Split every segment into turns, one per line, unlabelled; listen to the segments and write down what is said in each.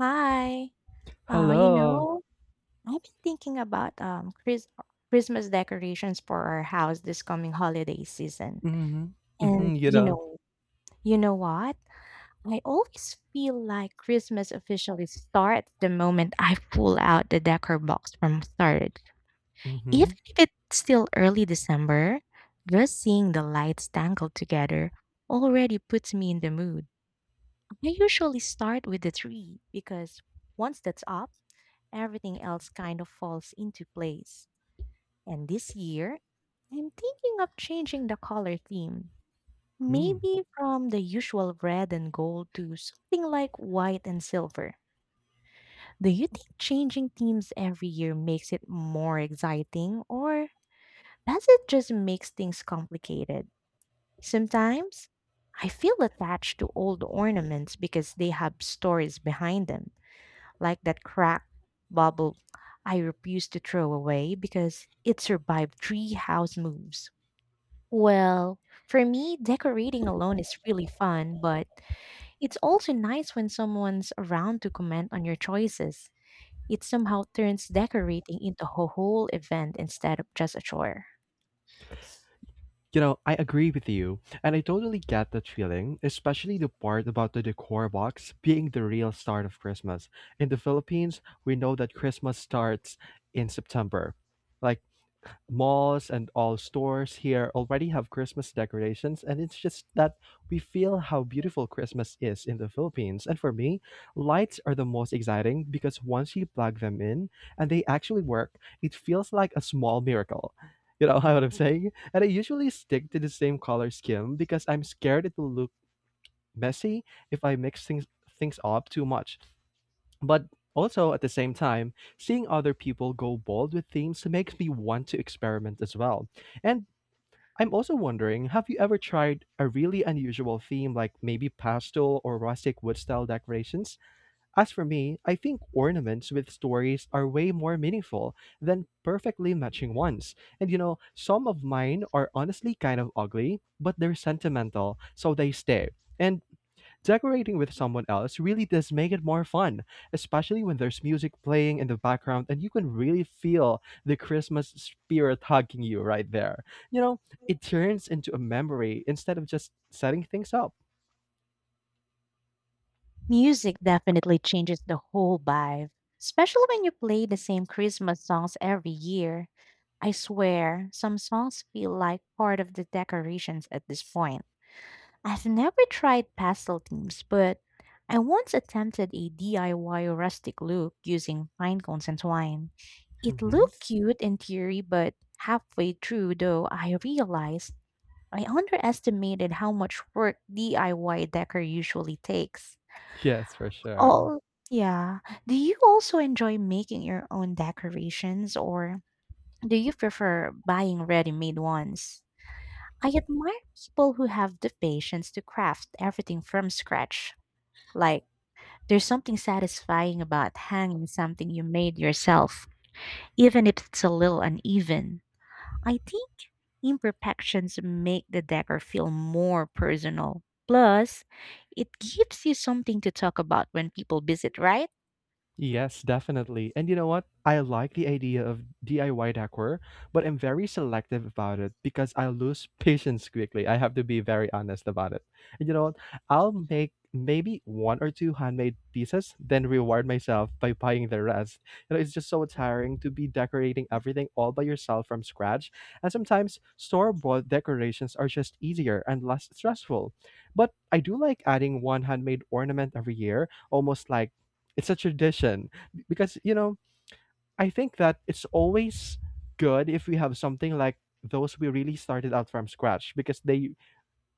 Hi. Uh, you
Hello.
know, I've been thinking about Christmas decorations for our house this coming holiday season.
Mhm.
And
Mhm, you know?
you know what? I always feel like Christmas officially starts the moment I pull out the decor box from storage. Even
Mhm.
if it's still early December, just seeing the lights tangled together already puts me in the mood. I usually start with the tree because once that's up, everything else kind of falls into place. And this year, I'm thinking of changing the color theme.
Mm.
Maybe from the usual red and gold to something like white and silver. Do you think changing themes every year makes it more exciting, or does it just makes things complicated? Sometimes I feel attached to old ornaments because they have stories behind them. Like that cracked bubble I refuse to throw away because it survived three house moves. Well, for me, decorating alone is really fun, but it's also nice when someone's around to comment on your choices. It somehow turns decorating into a whole event instead of just a chore.
I agree with you, and I totally get that feeling, especially the part about the decor box being the real start of Christmas. In the Philippines, we know that Christmas starts in September. Like malls and all stores here already have Christmas decorations, and it's just that we feel how beautiful Christmas is in the Philippines. And for me, lights are the most exciting because once you plug them in and they actually work, it feels like a small miracle. You know what I'm saying? And I usually stick to the same color scheme because I'm scared it will look messy if I mix things up too much. But also at the same time, seeing other people go bold with themes makes me want to experiment as well. And I'm also wondering, have you ever tried a really unusual theme like maybe pastel or rustic wood style decorations? As for me, I think ornaments with stories are way more meaningful than perfectly matching ones. And some of mine are honestly kind of ugly, but they're sentimental, so they stay. And decorating with someone else really does make it more fun, especially when there's music playing in the background and you can really feel the Christmas spirit hugging you right there. You know, it turns into a memory instead of just setting things up.
Music definitely changes the whole vibe, especially when you play the same Christmas songs every year. I swear, some songs feel like part of the decorations at this point. I've never tried pastel themes, but I once attempted a DIY rustic look using pine cones and twine. It
Hmm.
looked cute in theory, but halfway through, though, I realized I underestimated how much work DIY decor usually takes.
Yes, for sure.
Oh, yeah. Do you also enjoy making your own decorations, or do you prefer buying ready made ones? I admire people who have the patience to craft everything from scratch. Like, there's something satisfying about hanging something you made yourself, even if it's a little uneven. I think imperfections make the decor feel more personal. Plus, it gives you something to talk about when people visit, right?
Yes, definitely. And you know what? I like the idea of DIY decor, but I'm very selective about it because I lose patience quickly. I have to be very honest about it. And you know what? I'll make maybe one or two handmade pieces, then reward myself by buying the rest. It's just so tiring to be decorating everything all by yourself from scratch. And sometimes store-bought decorations are just easier and less stressful. But I do like adding one handmade ornament every year, almost like it's a tradition because I think that it's always good if we have something like those we really started out from scratch because they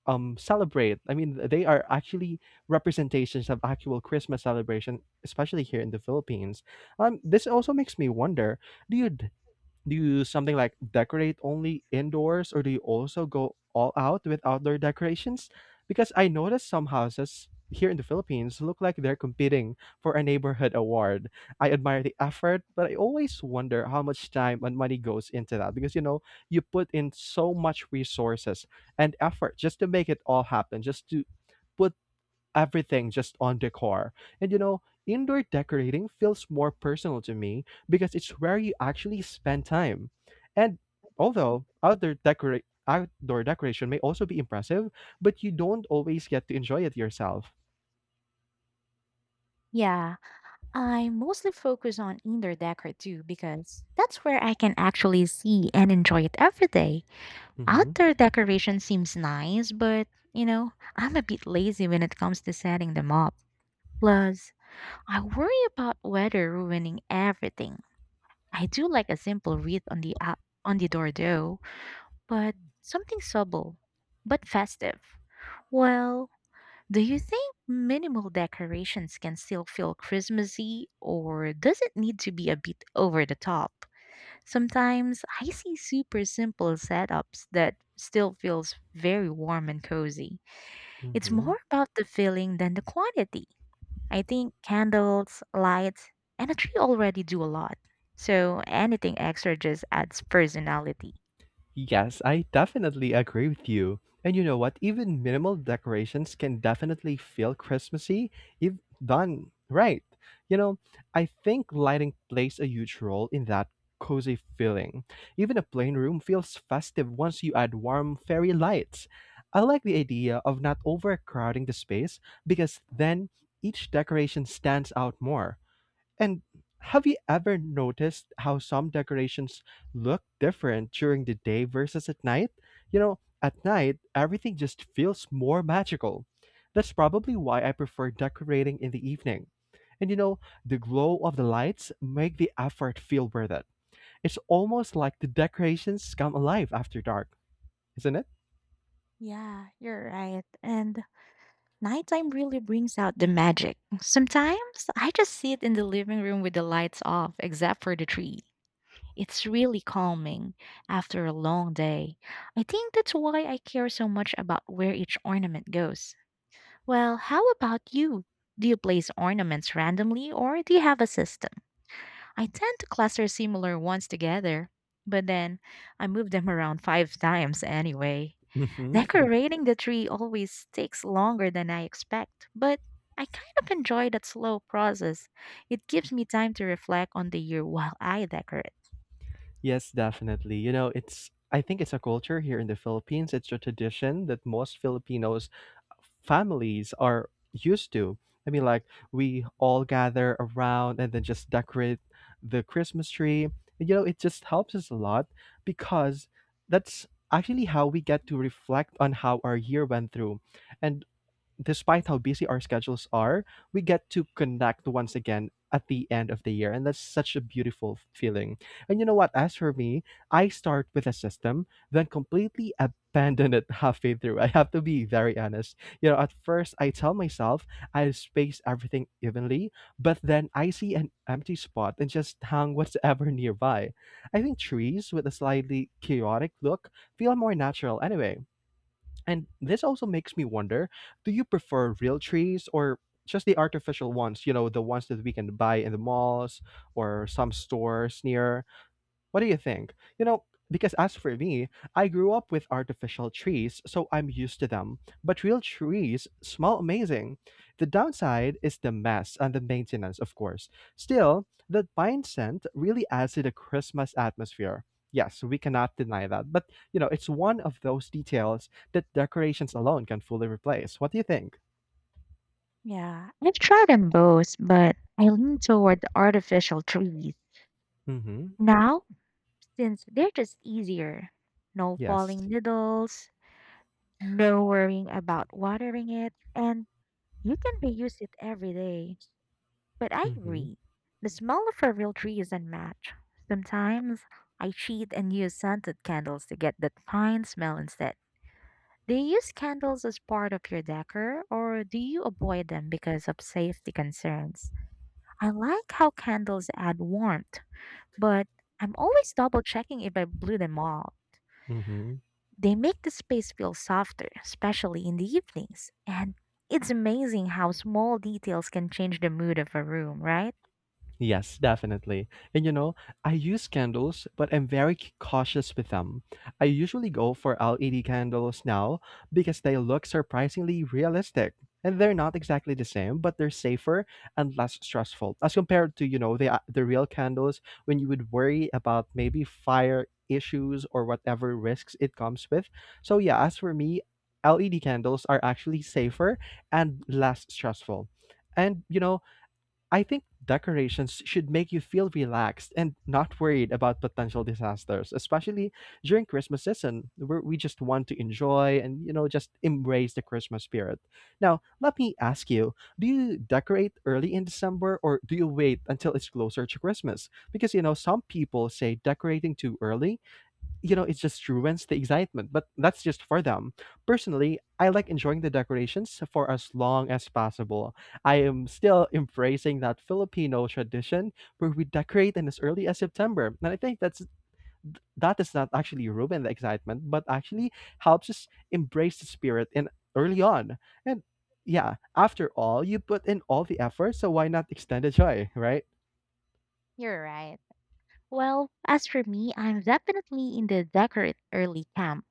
celebrate. I mean, they are actually representations of actual Christmas celebration, especially here in the Philippines. This also makes me wonder: Do you do you something like decorate only indoors or do you also go all out with outdoor decorations? Because I noticed some houses here in the Philippines look like they're competing for a neighborhood award. I admire the effort, but I always wonder how much time and money goes into that because you put in so much resources and effort just to make it all happen, just to put everything just on decor. And indoor decorating feels more personal to me because it's where you actually spend time. And although outdoor decoration may also be impressive, but you don't always get to enjoy it yourself.
Yeah, I mostly focus on indoor decor too because that's where I can actually see and enjoy it every day.
Hmm.
Outdoor decoration seems nice, but I'm a bit lazy when it comes to setting them up. Plus, I worry about weather ruining everything. I do like a simple wreath on the up on the door though, but something subtle but festive. Well, do you think minimal decorations can still feel Christmassy or does it need to be a bit over the top? Sometimes I see super simple setups that still feels very warm and cozy. It's more
Hmm.
about the feeling than the quantity. I think candles, lights, and a tree already do a lot. So anything extra just adds personality.
Yes, I definitely agree with you. And you know what? Even minimal decorations can definitely feel Christmassy if done right. You know, I think lighting plays a huge role in that cozy feeling. Even a plain room feels festive once you add warm fairy lights. I like the idea of not overcrowding the space because then each decoration stands out more. And have you ever noticed how some decorations look different during the day versus at night? At night, everything just feels more magical. That's probably why I prefer decorating in the evening. And the glow of the lights make the effort feel worth it. It's almost like the decorations come alive after dark, isn't it?
Yeah, you're right. And nighttime really brings out the magic. Sometimes I just sit in the living room with the lights off, except for the tree. It's really calming after a long day. I think that's why I care so much about where each ornament goes. Well, how about you? Do you place ornaments randomly or do you have a system? I tend to cluster similar ones together, but then I move them around five times anyway.
Hmm.
Decorating the tree always takes longer than I expect, but I kind of enjoy that slow process. It gives me time to reflect on the year while I decorate.
Yes, definitely. You know, it's I think it's a culture here in the Philippines. It's a tradition that most Filipinos families are used to. I mean, like we all gather around and then just decorate the Christmas tree. And, it just helps us a lot because that's actually how we get to reflect on how our year went through. And despite how busy our schedules are, we get to connect once again at the end of the year. And that's such a beautiful feeling. And you know what? As for me, I start with a system, then completely abandon it halfway through. I have to be very honest. At first, I tell myself I space everything evenly, but then I see an empty spot and just hang whatever nearby. I think trees with a slightly chaotic look feel more natural anyway and this also makes me wonder, do you prefer real trees or just the artificial ones, the ones that we can buy in the malls or some stores near? What do you think? Because as for me, I grew up with artificial trees, so I'm used to them. But real trees smell amazing. The downside is the mess and the maintenance, of course. Still, the pine scent really adds to the Christmas atmosphere. Yes, we cannot deny that. But, it's one of those details that decorations alone can fully replace. What do you think?
Yeah, I've tried them both, but I lean toward the artificial trees.
Mm hmm.
Now, since they're just easier. No
Yes.
falling needles, no worrying about watering it, and you can reuse it every day. But I
Mm hmm.
agree. The smell of a real tree is unmatched. Sometimes I cheat and use scented candles to get that fine smell instead. Do you use candles as part of your decor or do you avoid them because of safety concerns? I like how candles add warmth, but I'm always double checking if I blew them all.
Mm hmm.
They make the space feel softer, especially in the evenings. And it's amazing how small details can change the mood of a room, right?
Yes, definitely. And I use candles, but I'm very cautious with them. I usually go for LED candles now because they look surprisingly realistic. And they're not exactly the same, but they're safer and less stressful as compared to, the real candles when you would worry about maybe fire issues or whatever risks it comes with. So yeah, as for me, LED candles are actually safer and less stressful. And I think decorations should make you feel relaxed and not worried about potential disasters, especially during Christmas season, where we just want to enjoy and just embrace the Christmas spirit. Now, let me ask you: Do you decorate early in December, or do you wait until it's closer to Christmas? Because some people say decorating too early it just ruins the excitement, but that's just for them. Personally, I like enjoying the decorations for as long as possible. I am still embracing that Filipino tradition where we decorate in as early as September. And I think that is not actually ruin the excitement, but actually helps us embrace the spirit in early on. And yeah, after all, you put in all the effort, so why not extend the joy, right?
You're right. Well, as for me, I'm definitely in the decorate early camp.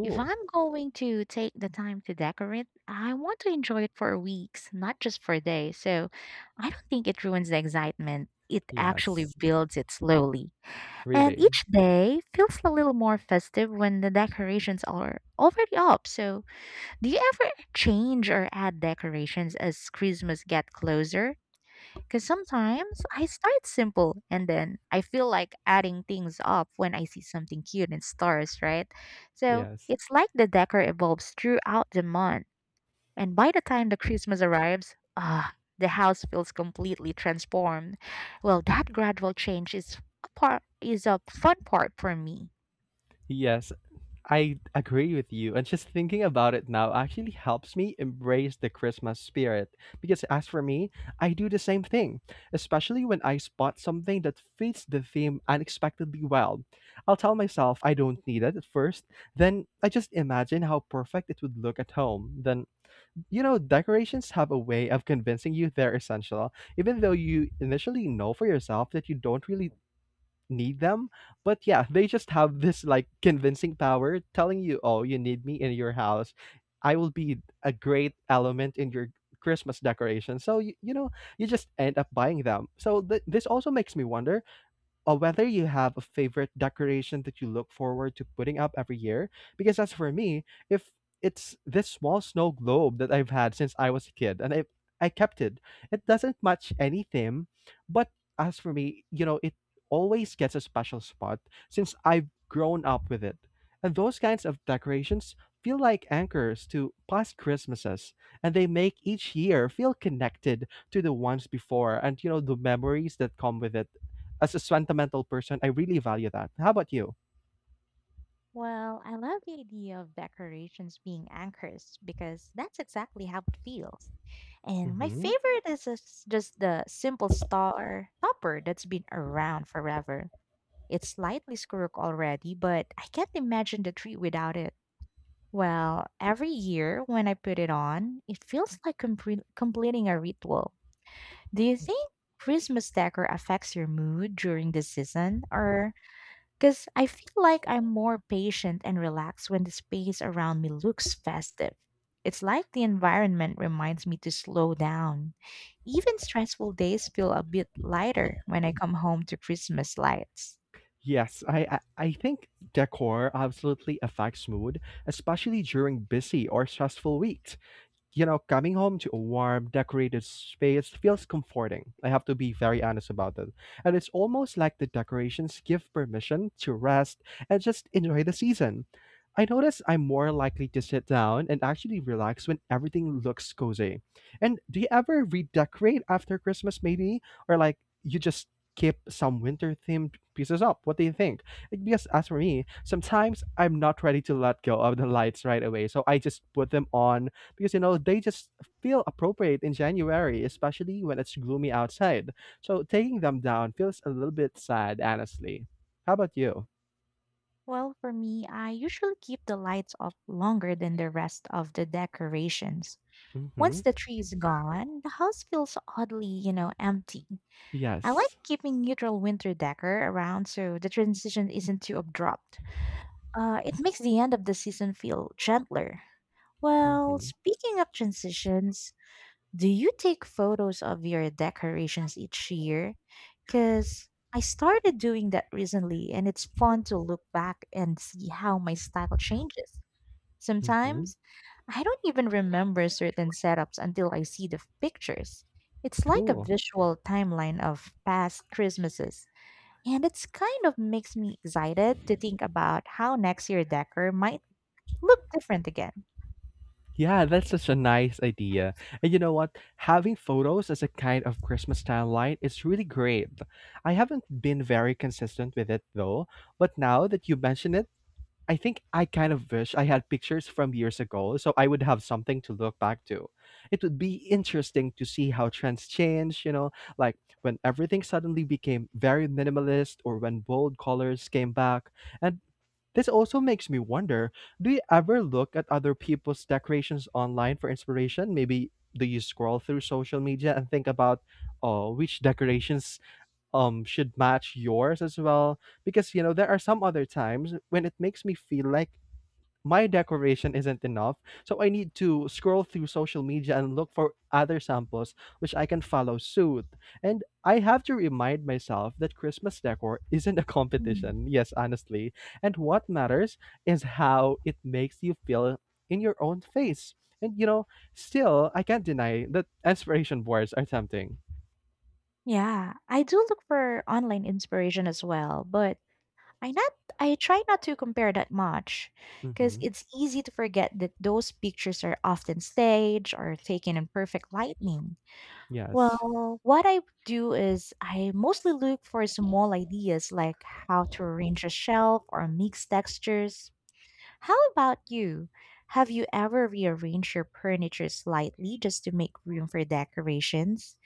If I'm going to take the time to decorate, I want to enjoy it for weeks, not just for days. So I don't think it ruins the excitement. It actually
Yes.
builds it slowly. And
Really.
each day feels a little more festive when the decorations are already up. So, do you ever change or add decorations as Christmas get closer? Because sometimes I start simple and then I feel like adding things up when I see something cute in stores, right? So
Yes.
it's like the decor evolves throughout the month. And by the time the Christmas arrives, ah, the house feels completely transformed. Well, that gradual change is a fun part for me.
Yes. I agree with you. And just thinking about it now actually helps me embrace the Christmas spirit. Because as for me, I do the same thing, especially when I spot something that fits the theme unexpectedly well. I'll tell myself I don't need it at first, then I just imagine how perfect it would look at home. Then, decorations have a way of convincing you they're essential, even though you initially know for yourself that you don't really need them. But yeah, they just have this like convincing power telling you, oh, you need me in your house. I will be a great element in your Christmas decoration. So, you just end up buying them. So, this also makes me wonder or whether you have a favorite decoration that you look forward to putting up every year. Because as for me, if it's this small snow globe that I've had since I was a kid, and I kept it. It doesn't match any theme, but as for me, it always gets a special spot since I've grown up with it. And those kinds of decorations feel like anchors to past Christmases, and they make each year feel connected to the ones before and the memories that come with it as a sentimental person, I really value that. How about you?
Well, I love the idea of decorations being anchors because that's exactly how it feels. And my
Hmm.
favorite is just the simple star topper that's been around forever. It's slightly squirrel already, but I can't imagine the tree without it. Well, every year when I put it on, it feels like completing a ritual. Do you think Christmas decor affects your mood during the season, or because I feel like I'm more patient and relaxed when the space around me looks festive. It's like the environment reminds me to slow down. Even stressful days feel a bit lighter when I come home to Christmas lights.
Yes, I think decor absolutely affects mood, especially during busy or stressful weeks. Coming home to a warm, decorated space feels comforting. I have to be very honest about that. And it's almost like the decorations give permission to rest and just enjoy the season. I notice I'm more likely to sit down and actually relax when everything looks cozy. And do you ever redecorate after Christmas, maybe? Or like you just keep some winter themed pieces up? What do you think? Like, because as for me, sometimes I'm not ready to let go of the lights right away. So I just put them on because they just feel appropriate in January, especially when it's gloomy outside. So taking them down feels a little bit sad, honestly. How about you?
Well, for me, I usually keep the lights up longer than the rest of the decorations.
Mm-hmm.
Once the tree is gone, the house feels oddly, empty. I like
Yes.
keeping neutral winter decor around so the transition isn't too abrupt. It makes the end of the season feel gentler. Well,
Mm-hmm.
speaking of transitions, do you take photos of your decorations each year? Because I started doing that recently, and it's fun to look back and see how my style changes.
Mm-hmm.
Sometimes I don't even remember certain setups until I see the pictures. It's like a
Cool.
visual timeline of past Christmases. And it's kind of makes me excited to think about how next year decor might look different again.
Yeah, that's such a nice idea. And you know what? Having photos as a kind of Christmas timeline is really great. I haven't been very consistent with it though, but now that you mention it, I think I kind of wish I had pictures from years ago so I would have something to look back to. It would be interesting to see how trends change, you know, like when everything suddenly became very minimalist or when bold colors came back. And this also makes me wonder, do you ever look at other people's decorations online for inspiration? Maybe do you scroll through social media and think about, oh, which decorations should match yours as well? Because you know there are some other times when it makes me feel like my decoration isn't enough, so I need to scroll through social media and look for other samples which I can follow suit. And I have to remind myself that Christmas decor isn't a
Mm.
competition. Yes, honestly. And what matters is how it makes you feel in your own face. And you know still, I can't deny that aspiration boards are tempting.
Yeah, I do look for online inspiration as well, but I not I try not to compare that much because
Mm-hmm.
it's easy to forget that those pictures are often staged or taken in perfect lighting.
Yes.
Well, what I do is I mostly look for small ideas like how to arrange a shelf or mix textures. How about you? Have you ever rearranged your furniture slightly just to make room for decorations?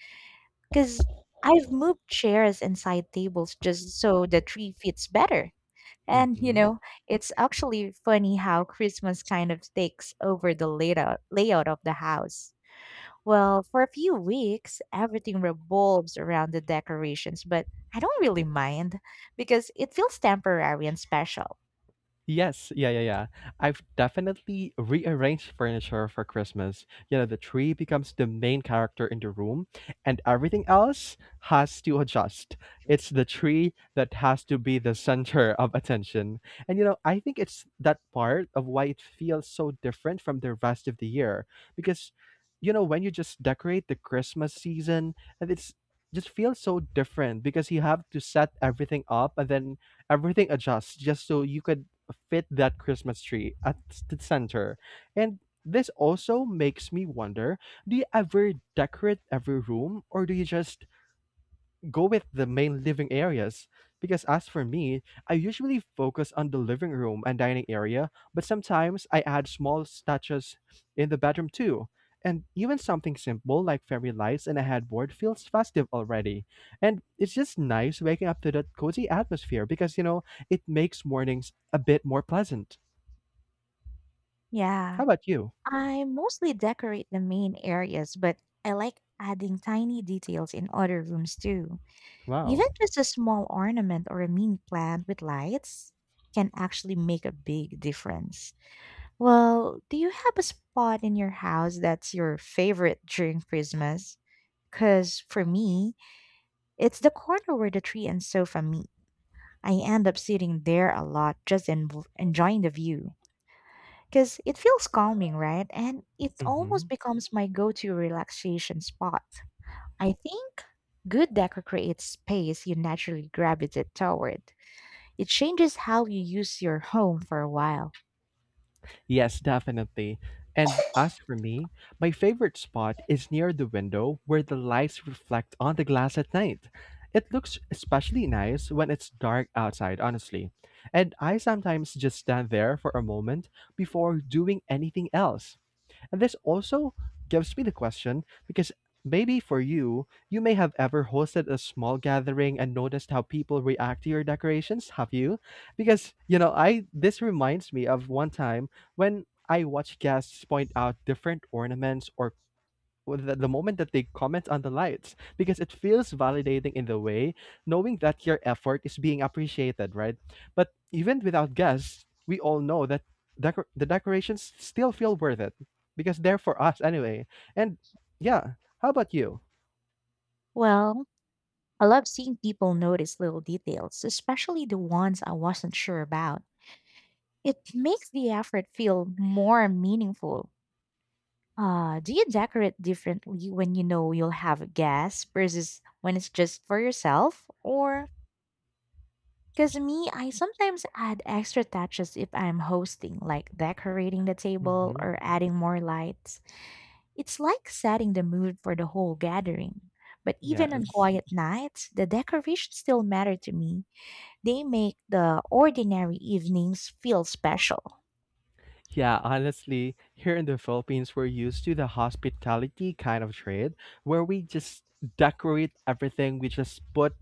Because I've moved chairs and side tables just so the tree fits better. And,
Mm-hmm.
it's actually funny how Christmas kind of takes over the layout of the house. Well, for a few weeks, everything revolves around the decorations, but I don't really mind because it feels temporary and special.
Yes, yeah, yeah, yeah. I've definitely rearranged furniture for Christmas. You know, the tree becomes the main character in the room, and everything else has to adjust. It's the tree that has to be the center of attention. And, you know, I think it's that part of why it feels so different from the rest of the year. Because, you know, when you just decorate the Christmas season, and it's just feels so different because you have to set everything up, and then everything adjusts just so you could fit that Christmas tree at the center. And this also makes me wonder, do you ever decorate every room, or do you just go with the main living areas? Because as for me, I usually focus on the living room and dining area, but sometimes I add small statues in the bedroom too. And even something simple like fairy lights and a headboard feels festive already. And it's just nice waking up to that cozy atmosphere because, you know, it makes mornings a bit more pleasant. How
Yeah,
about you?
I mostly decorate the main areas, but I like adding tiny details in other rooms too.
Wow.
Even just a small ornament or a mini plant with lights can actually make a big difference. Well, do you have a spot in your house that's your favorite during Christmas? Because for me, it's the corner where the tree and sofa meet. I end up sitting there a lot just enjoying the view. Because it feels calming, right? And it
Hmm.
almost becomes my go to relaxation spot. I think good decor creates space you naturally gravitate toward. It changes how you use your home for a while.
Yes, definitely. And as for me, my favorite spot is near the window where the lights reflect on the glass at night. It looks especially nice when it's dark outside, honestly. And I sometimes just stand there for a moment before doing anything else. And this also gives me the question, because maybe for you, you may have ever hosted a small gathering and noticed how people react to your decorations, have you? Because, you know, I this reminds me of one time when I watched guests point out different ornaments, or with the moment that they comment on the lights, because it feels validating in the way, knowing that your effort is being appreciated, right? But even without guests, we all know that the decorations still feel worth it because they're for us anyway. And yeah, how about you?
Well, I love seeing people notice little details, especially the ones I wasn't sure about. It makes the effort feel more meaningful. Do you decorate differently when you know you'll have a guest versus when it's just for yourself? Or because me, I sometimes add extra touches if I'm hosting, like decorating the table
Mm-hmm.
or adding more lights. It's like setting the mood for the whole gathering. But even on
Yes.
quiet nights, the decorations still matter to me. They make the ordinary evenings feel special.
Yeah, honestly, here in the Philippines, we're used to the hospitality kind of trade where we just decorate everything. We just put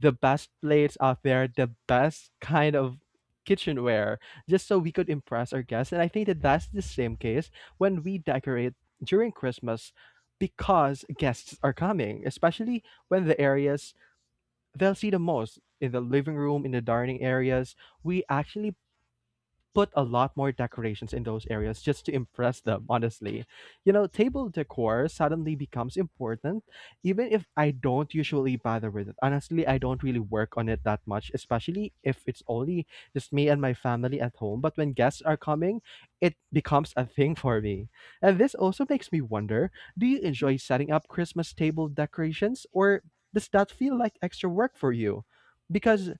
the best plates out there, the best kind of kitchenware, just so we could impress our guests. And I think that that's the same case when we decorate during Christmas, because guests are coming, especially when the areas they'll see the most in the living room, in the dining areas. We actually put a lot more decorations in those areas just to impress them, honestly. You know, table decor suddenly becomes important, even if I don't usually bother with it. Honestly, I don't really work on it that much, especially if it's only just me and my family at home. But when guests are coming, it becomes a thing for me. And this also makes me wonder, do you enjoy setting up Christmas table decorations, or does that feel like extra work for you? Because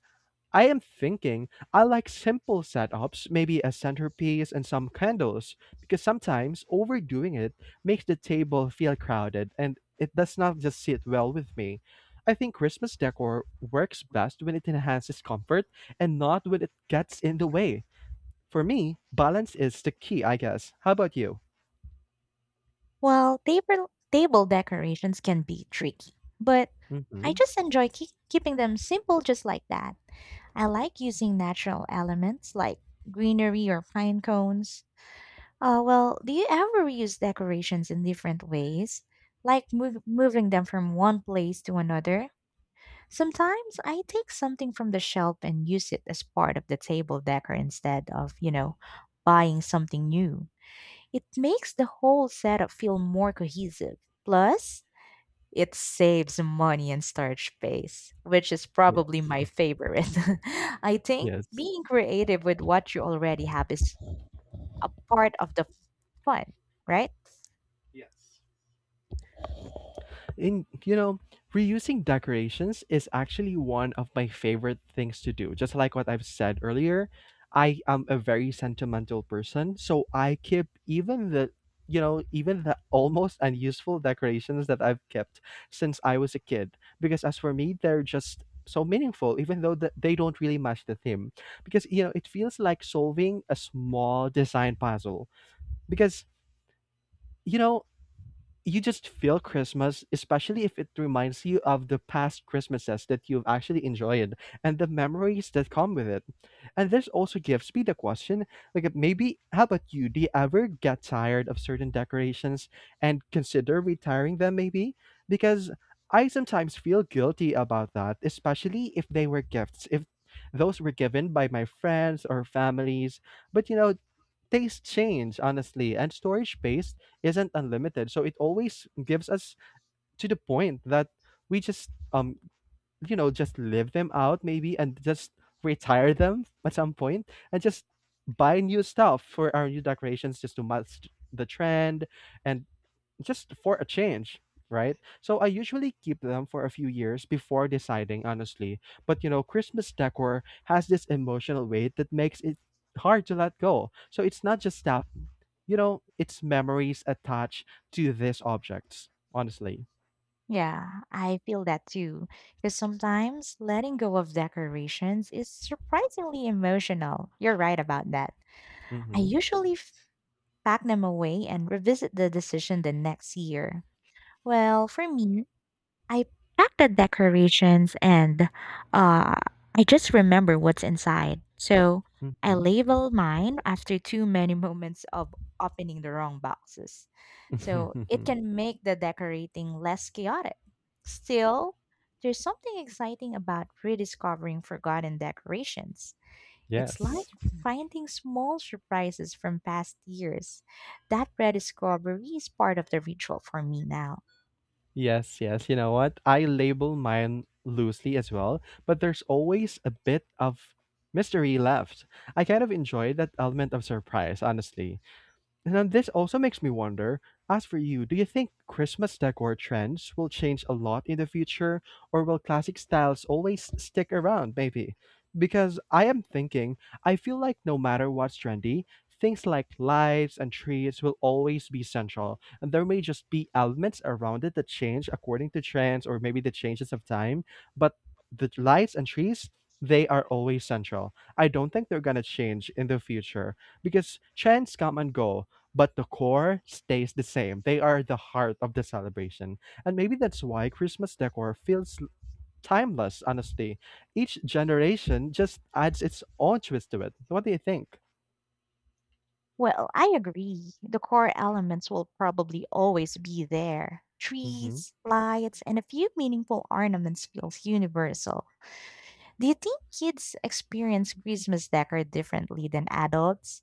I am thinking, I like simple setups, maybe a centerpiece and some candles, because sometimes overdoing it makes the table feel crowded and it does not just sit well with me. I think Christmas decor works best when it enhances comfort and not when it gets in the way. For me, balance is the key, I guess. How about you?
While table decorations can be tricky, but I
Hmm.
just enjoy keeping them simple just like that. I like using natural elements like greenery or pine cones. Well, do you ever use decorations in different ways? Like moving them from one place to another? Sometimes I take something from the shelf and use it as part of the table decor instead of, buying something new. It makes the whole setup feel more cohesive. Plus, it saves money and storage space, which is probably
Yes.
my favorite. I think
Yes.
being creative with what you already have is a part of the fun, right?
Yes. In You know, reusing decorations is actually one of my favorite things to do. Just like what I've said earlier, I am a very sentimental person, so I keep even the, you know, even the almost unuseful decorations that I've kept since I was a kid. Because as for me, they're just so meaningful, even though that they don't really match the theme. Because, you know, it feels like solving a small design puzzle. Because, you know, you just feel Christmas, especially if it reminds you of the past Christmases that you've actually enjoyed and the memories that come with it. And this also gives me the question, like, if maybe, how about you? Do you ever get tired of certain decorations and consider retiring them, maybe? Because I sometimes feel guilty about that, especially if they were gifts, if those were given by my friends or families. But you know, tastes change, honestly, and storage space isn't unlimited. So it always gives us to the point that we just you know, just live them out maybe, and just retire them at some point, and just buy new stuff for our new decorations just to match the trend, and just for a change, right? So I usually keep them for a few years before deciding, honestly. But you know, Christmas decor has this emotional weight that makes it hard to let go. So it's not just stuff, you know, it's memories attached to these objects, honestly.
Yeah, I feel that too. Because sometimes letting go of decorations is surprisingly emotional. You're right about that. I
Mm-hmm.
usually pack them away and revisit the decision the next year. Well, for me, I packed the decorations and uh, I just remember what's inside. So I labeled mine after too many moments of opening the wrong boxes. So
Mm-hmm.
it can make the decorating less chaotic. Still, there's something exciting about rediscovering forgotten decorations. It's like
Yes.
finding small surprises from past years. That rediscovery is part of the ritual for me now.
Yes, yes. You know what? I label mine loosely as well, but there's always a bit of mystery left. I kind of enjoy that element of surprise, honestly. Now, this also makes me wonder, as for you, do you think Christmas decor trends will change a lot in the future, or will classic styles always stick around, maybe? Because I am thinking, I feel like no matter what's trendy, things like lights and trees will always be central, and there may just be elements around it that change according to trends or maybe the changes of time, but the lights and trees, they are always central. I don't think they're gonna change in the future, because trends come and go, but the core stays the same. They are the heart of the celebration. And maybe that's why Christmas decor feels timeless, honestly. Each generation just adds its own twist to it. What do you think?
Well, I agree. The core elements will probably always be there.
Mm-hmm.
Trees, lights, and a few meaningful ornaments feels universal. Do you think kids experience Christmas decor differently than adults?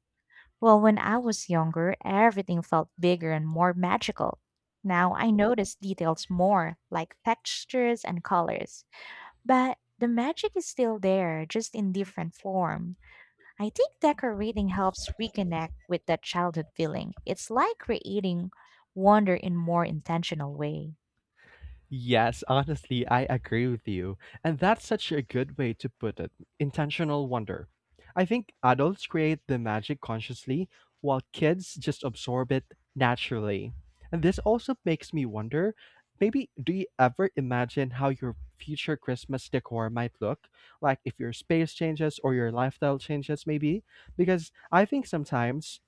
Well, when I was younger, everything felt bigger and more magical. Now I notice details more, like textures and colors. But the magic is still there, just in different form. I think decorating helps reconnect with that childhood feeling. It's like creating wonder in more intentional way.
Yes, honestly, I agree with you. And that's such a good way to put it, intentional wonder. I think adults create the magic consciously, while kids just absorb it naturally. And this also makes me wonder, maybe do you ever imagine how your future Christmas decor might look? Like if your space changes or your lifestyle changes, maybe? Because I think sometimes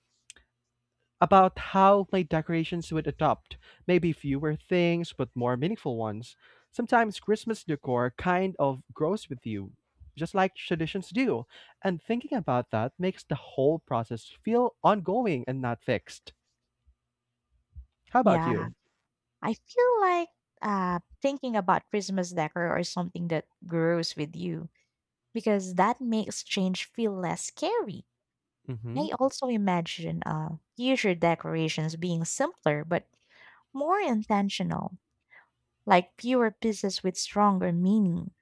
about how my decorations would adopt. Maybe fewer things, but more meaningful ones. Sometimes Christmas decor kind of grows with you, just like traditions do. And thinking about that makes the whole process feel ongoing and not fixed. How about
Yeah,
you?
I feel like thinking about Christmas decor or something that grows with you because that makes change feel less scary.
Mm hmm.
I also imagine future decorations being simpler but more intentional, like fewer pieces with stronger meaning.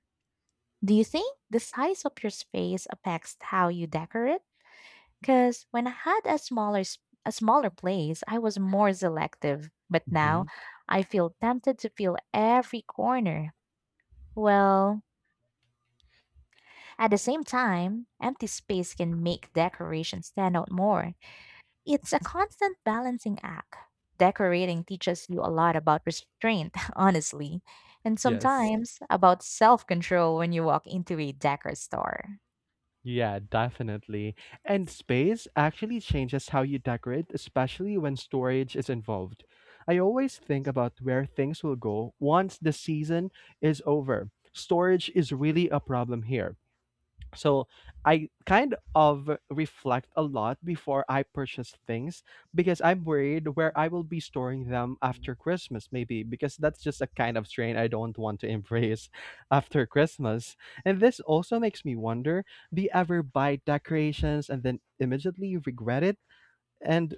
Do you think the size of your space affects how you decorate? Because when I had a smaller place, I was more selective. But
Mm hmm.
now I feel tempted to fill every corner. Well, at the same time, empty space can make decoration stand out more. It's a constant balancing act. Decorating teaches you a lot about restraint, honestly, and
Yes.
sometimes about self control when you walk into a decor store.
Yeah, definitely. And space actually changes how you decorate, especially when storage is involved. I always think about where things will go once the season is over. Storage is really a problem here. So I kind of reflect a lot before I purchase things, because I'm worried where I will be storing them after Christmas, maybe, because that's just a kind of strain I don't want to embrace after Christmas. And this also makes me wonder, do you ever buy decorations and then immediately regret it? And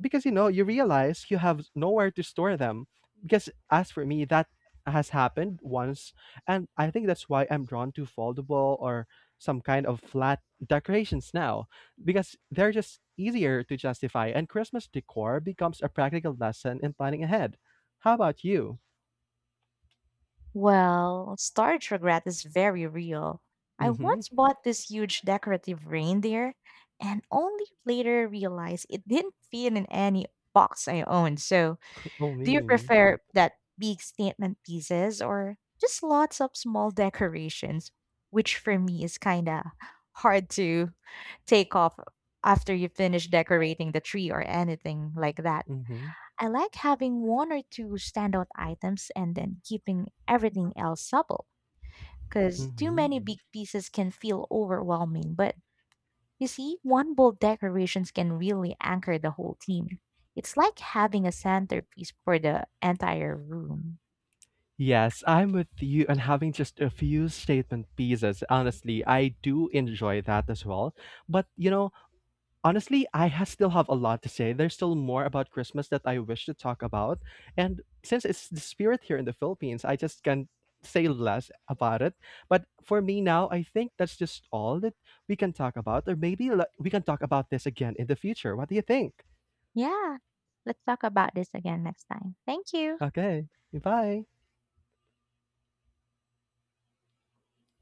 because you know you realize you have nowhere to store them, because as for me, that has happened once. And I think that's why I'm drawn to foldable or some kind of flat decorations now, because they're just easier to justify. And Christmas decor becomes a practical lesson in planning ahead. How about you?
Well, storage regret is very real. I
Mm-hmm.
once bought this huge decorative reindeer and only later realized it didn't fit in any box I owned. So,
Oh
do you
mean.
prefer that big statement pieces or just lots of small decorations, which for me is kind of hard to take off after you finish decorating the tree or anything like that?
Mm-hmm.
I like having one or two standout items and then keeping everything else supple because too
Mm-hmm.
many big pieces can feel overwhelming. But you see, one bold decorations can really anchor the whole team. It's like having a centerpiece for the entire room.
Yes, I'm with you, and having just a few statement pieces. Honestly, I do enjoy that as well. But you know, honestly, I ha still have a lot to say. There's still more about Christmas that I wish to talk about. And since it's the spirit here in the Philippines, I just can say less about it. But for me now, I think that's just all that we can talk about. Or maybe like, we can talk about this again in the future. What do you think?
Yeah, let's talk about this again next time. Thank you.
Okay, bye.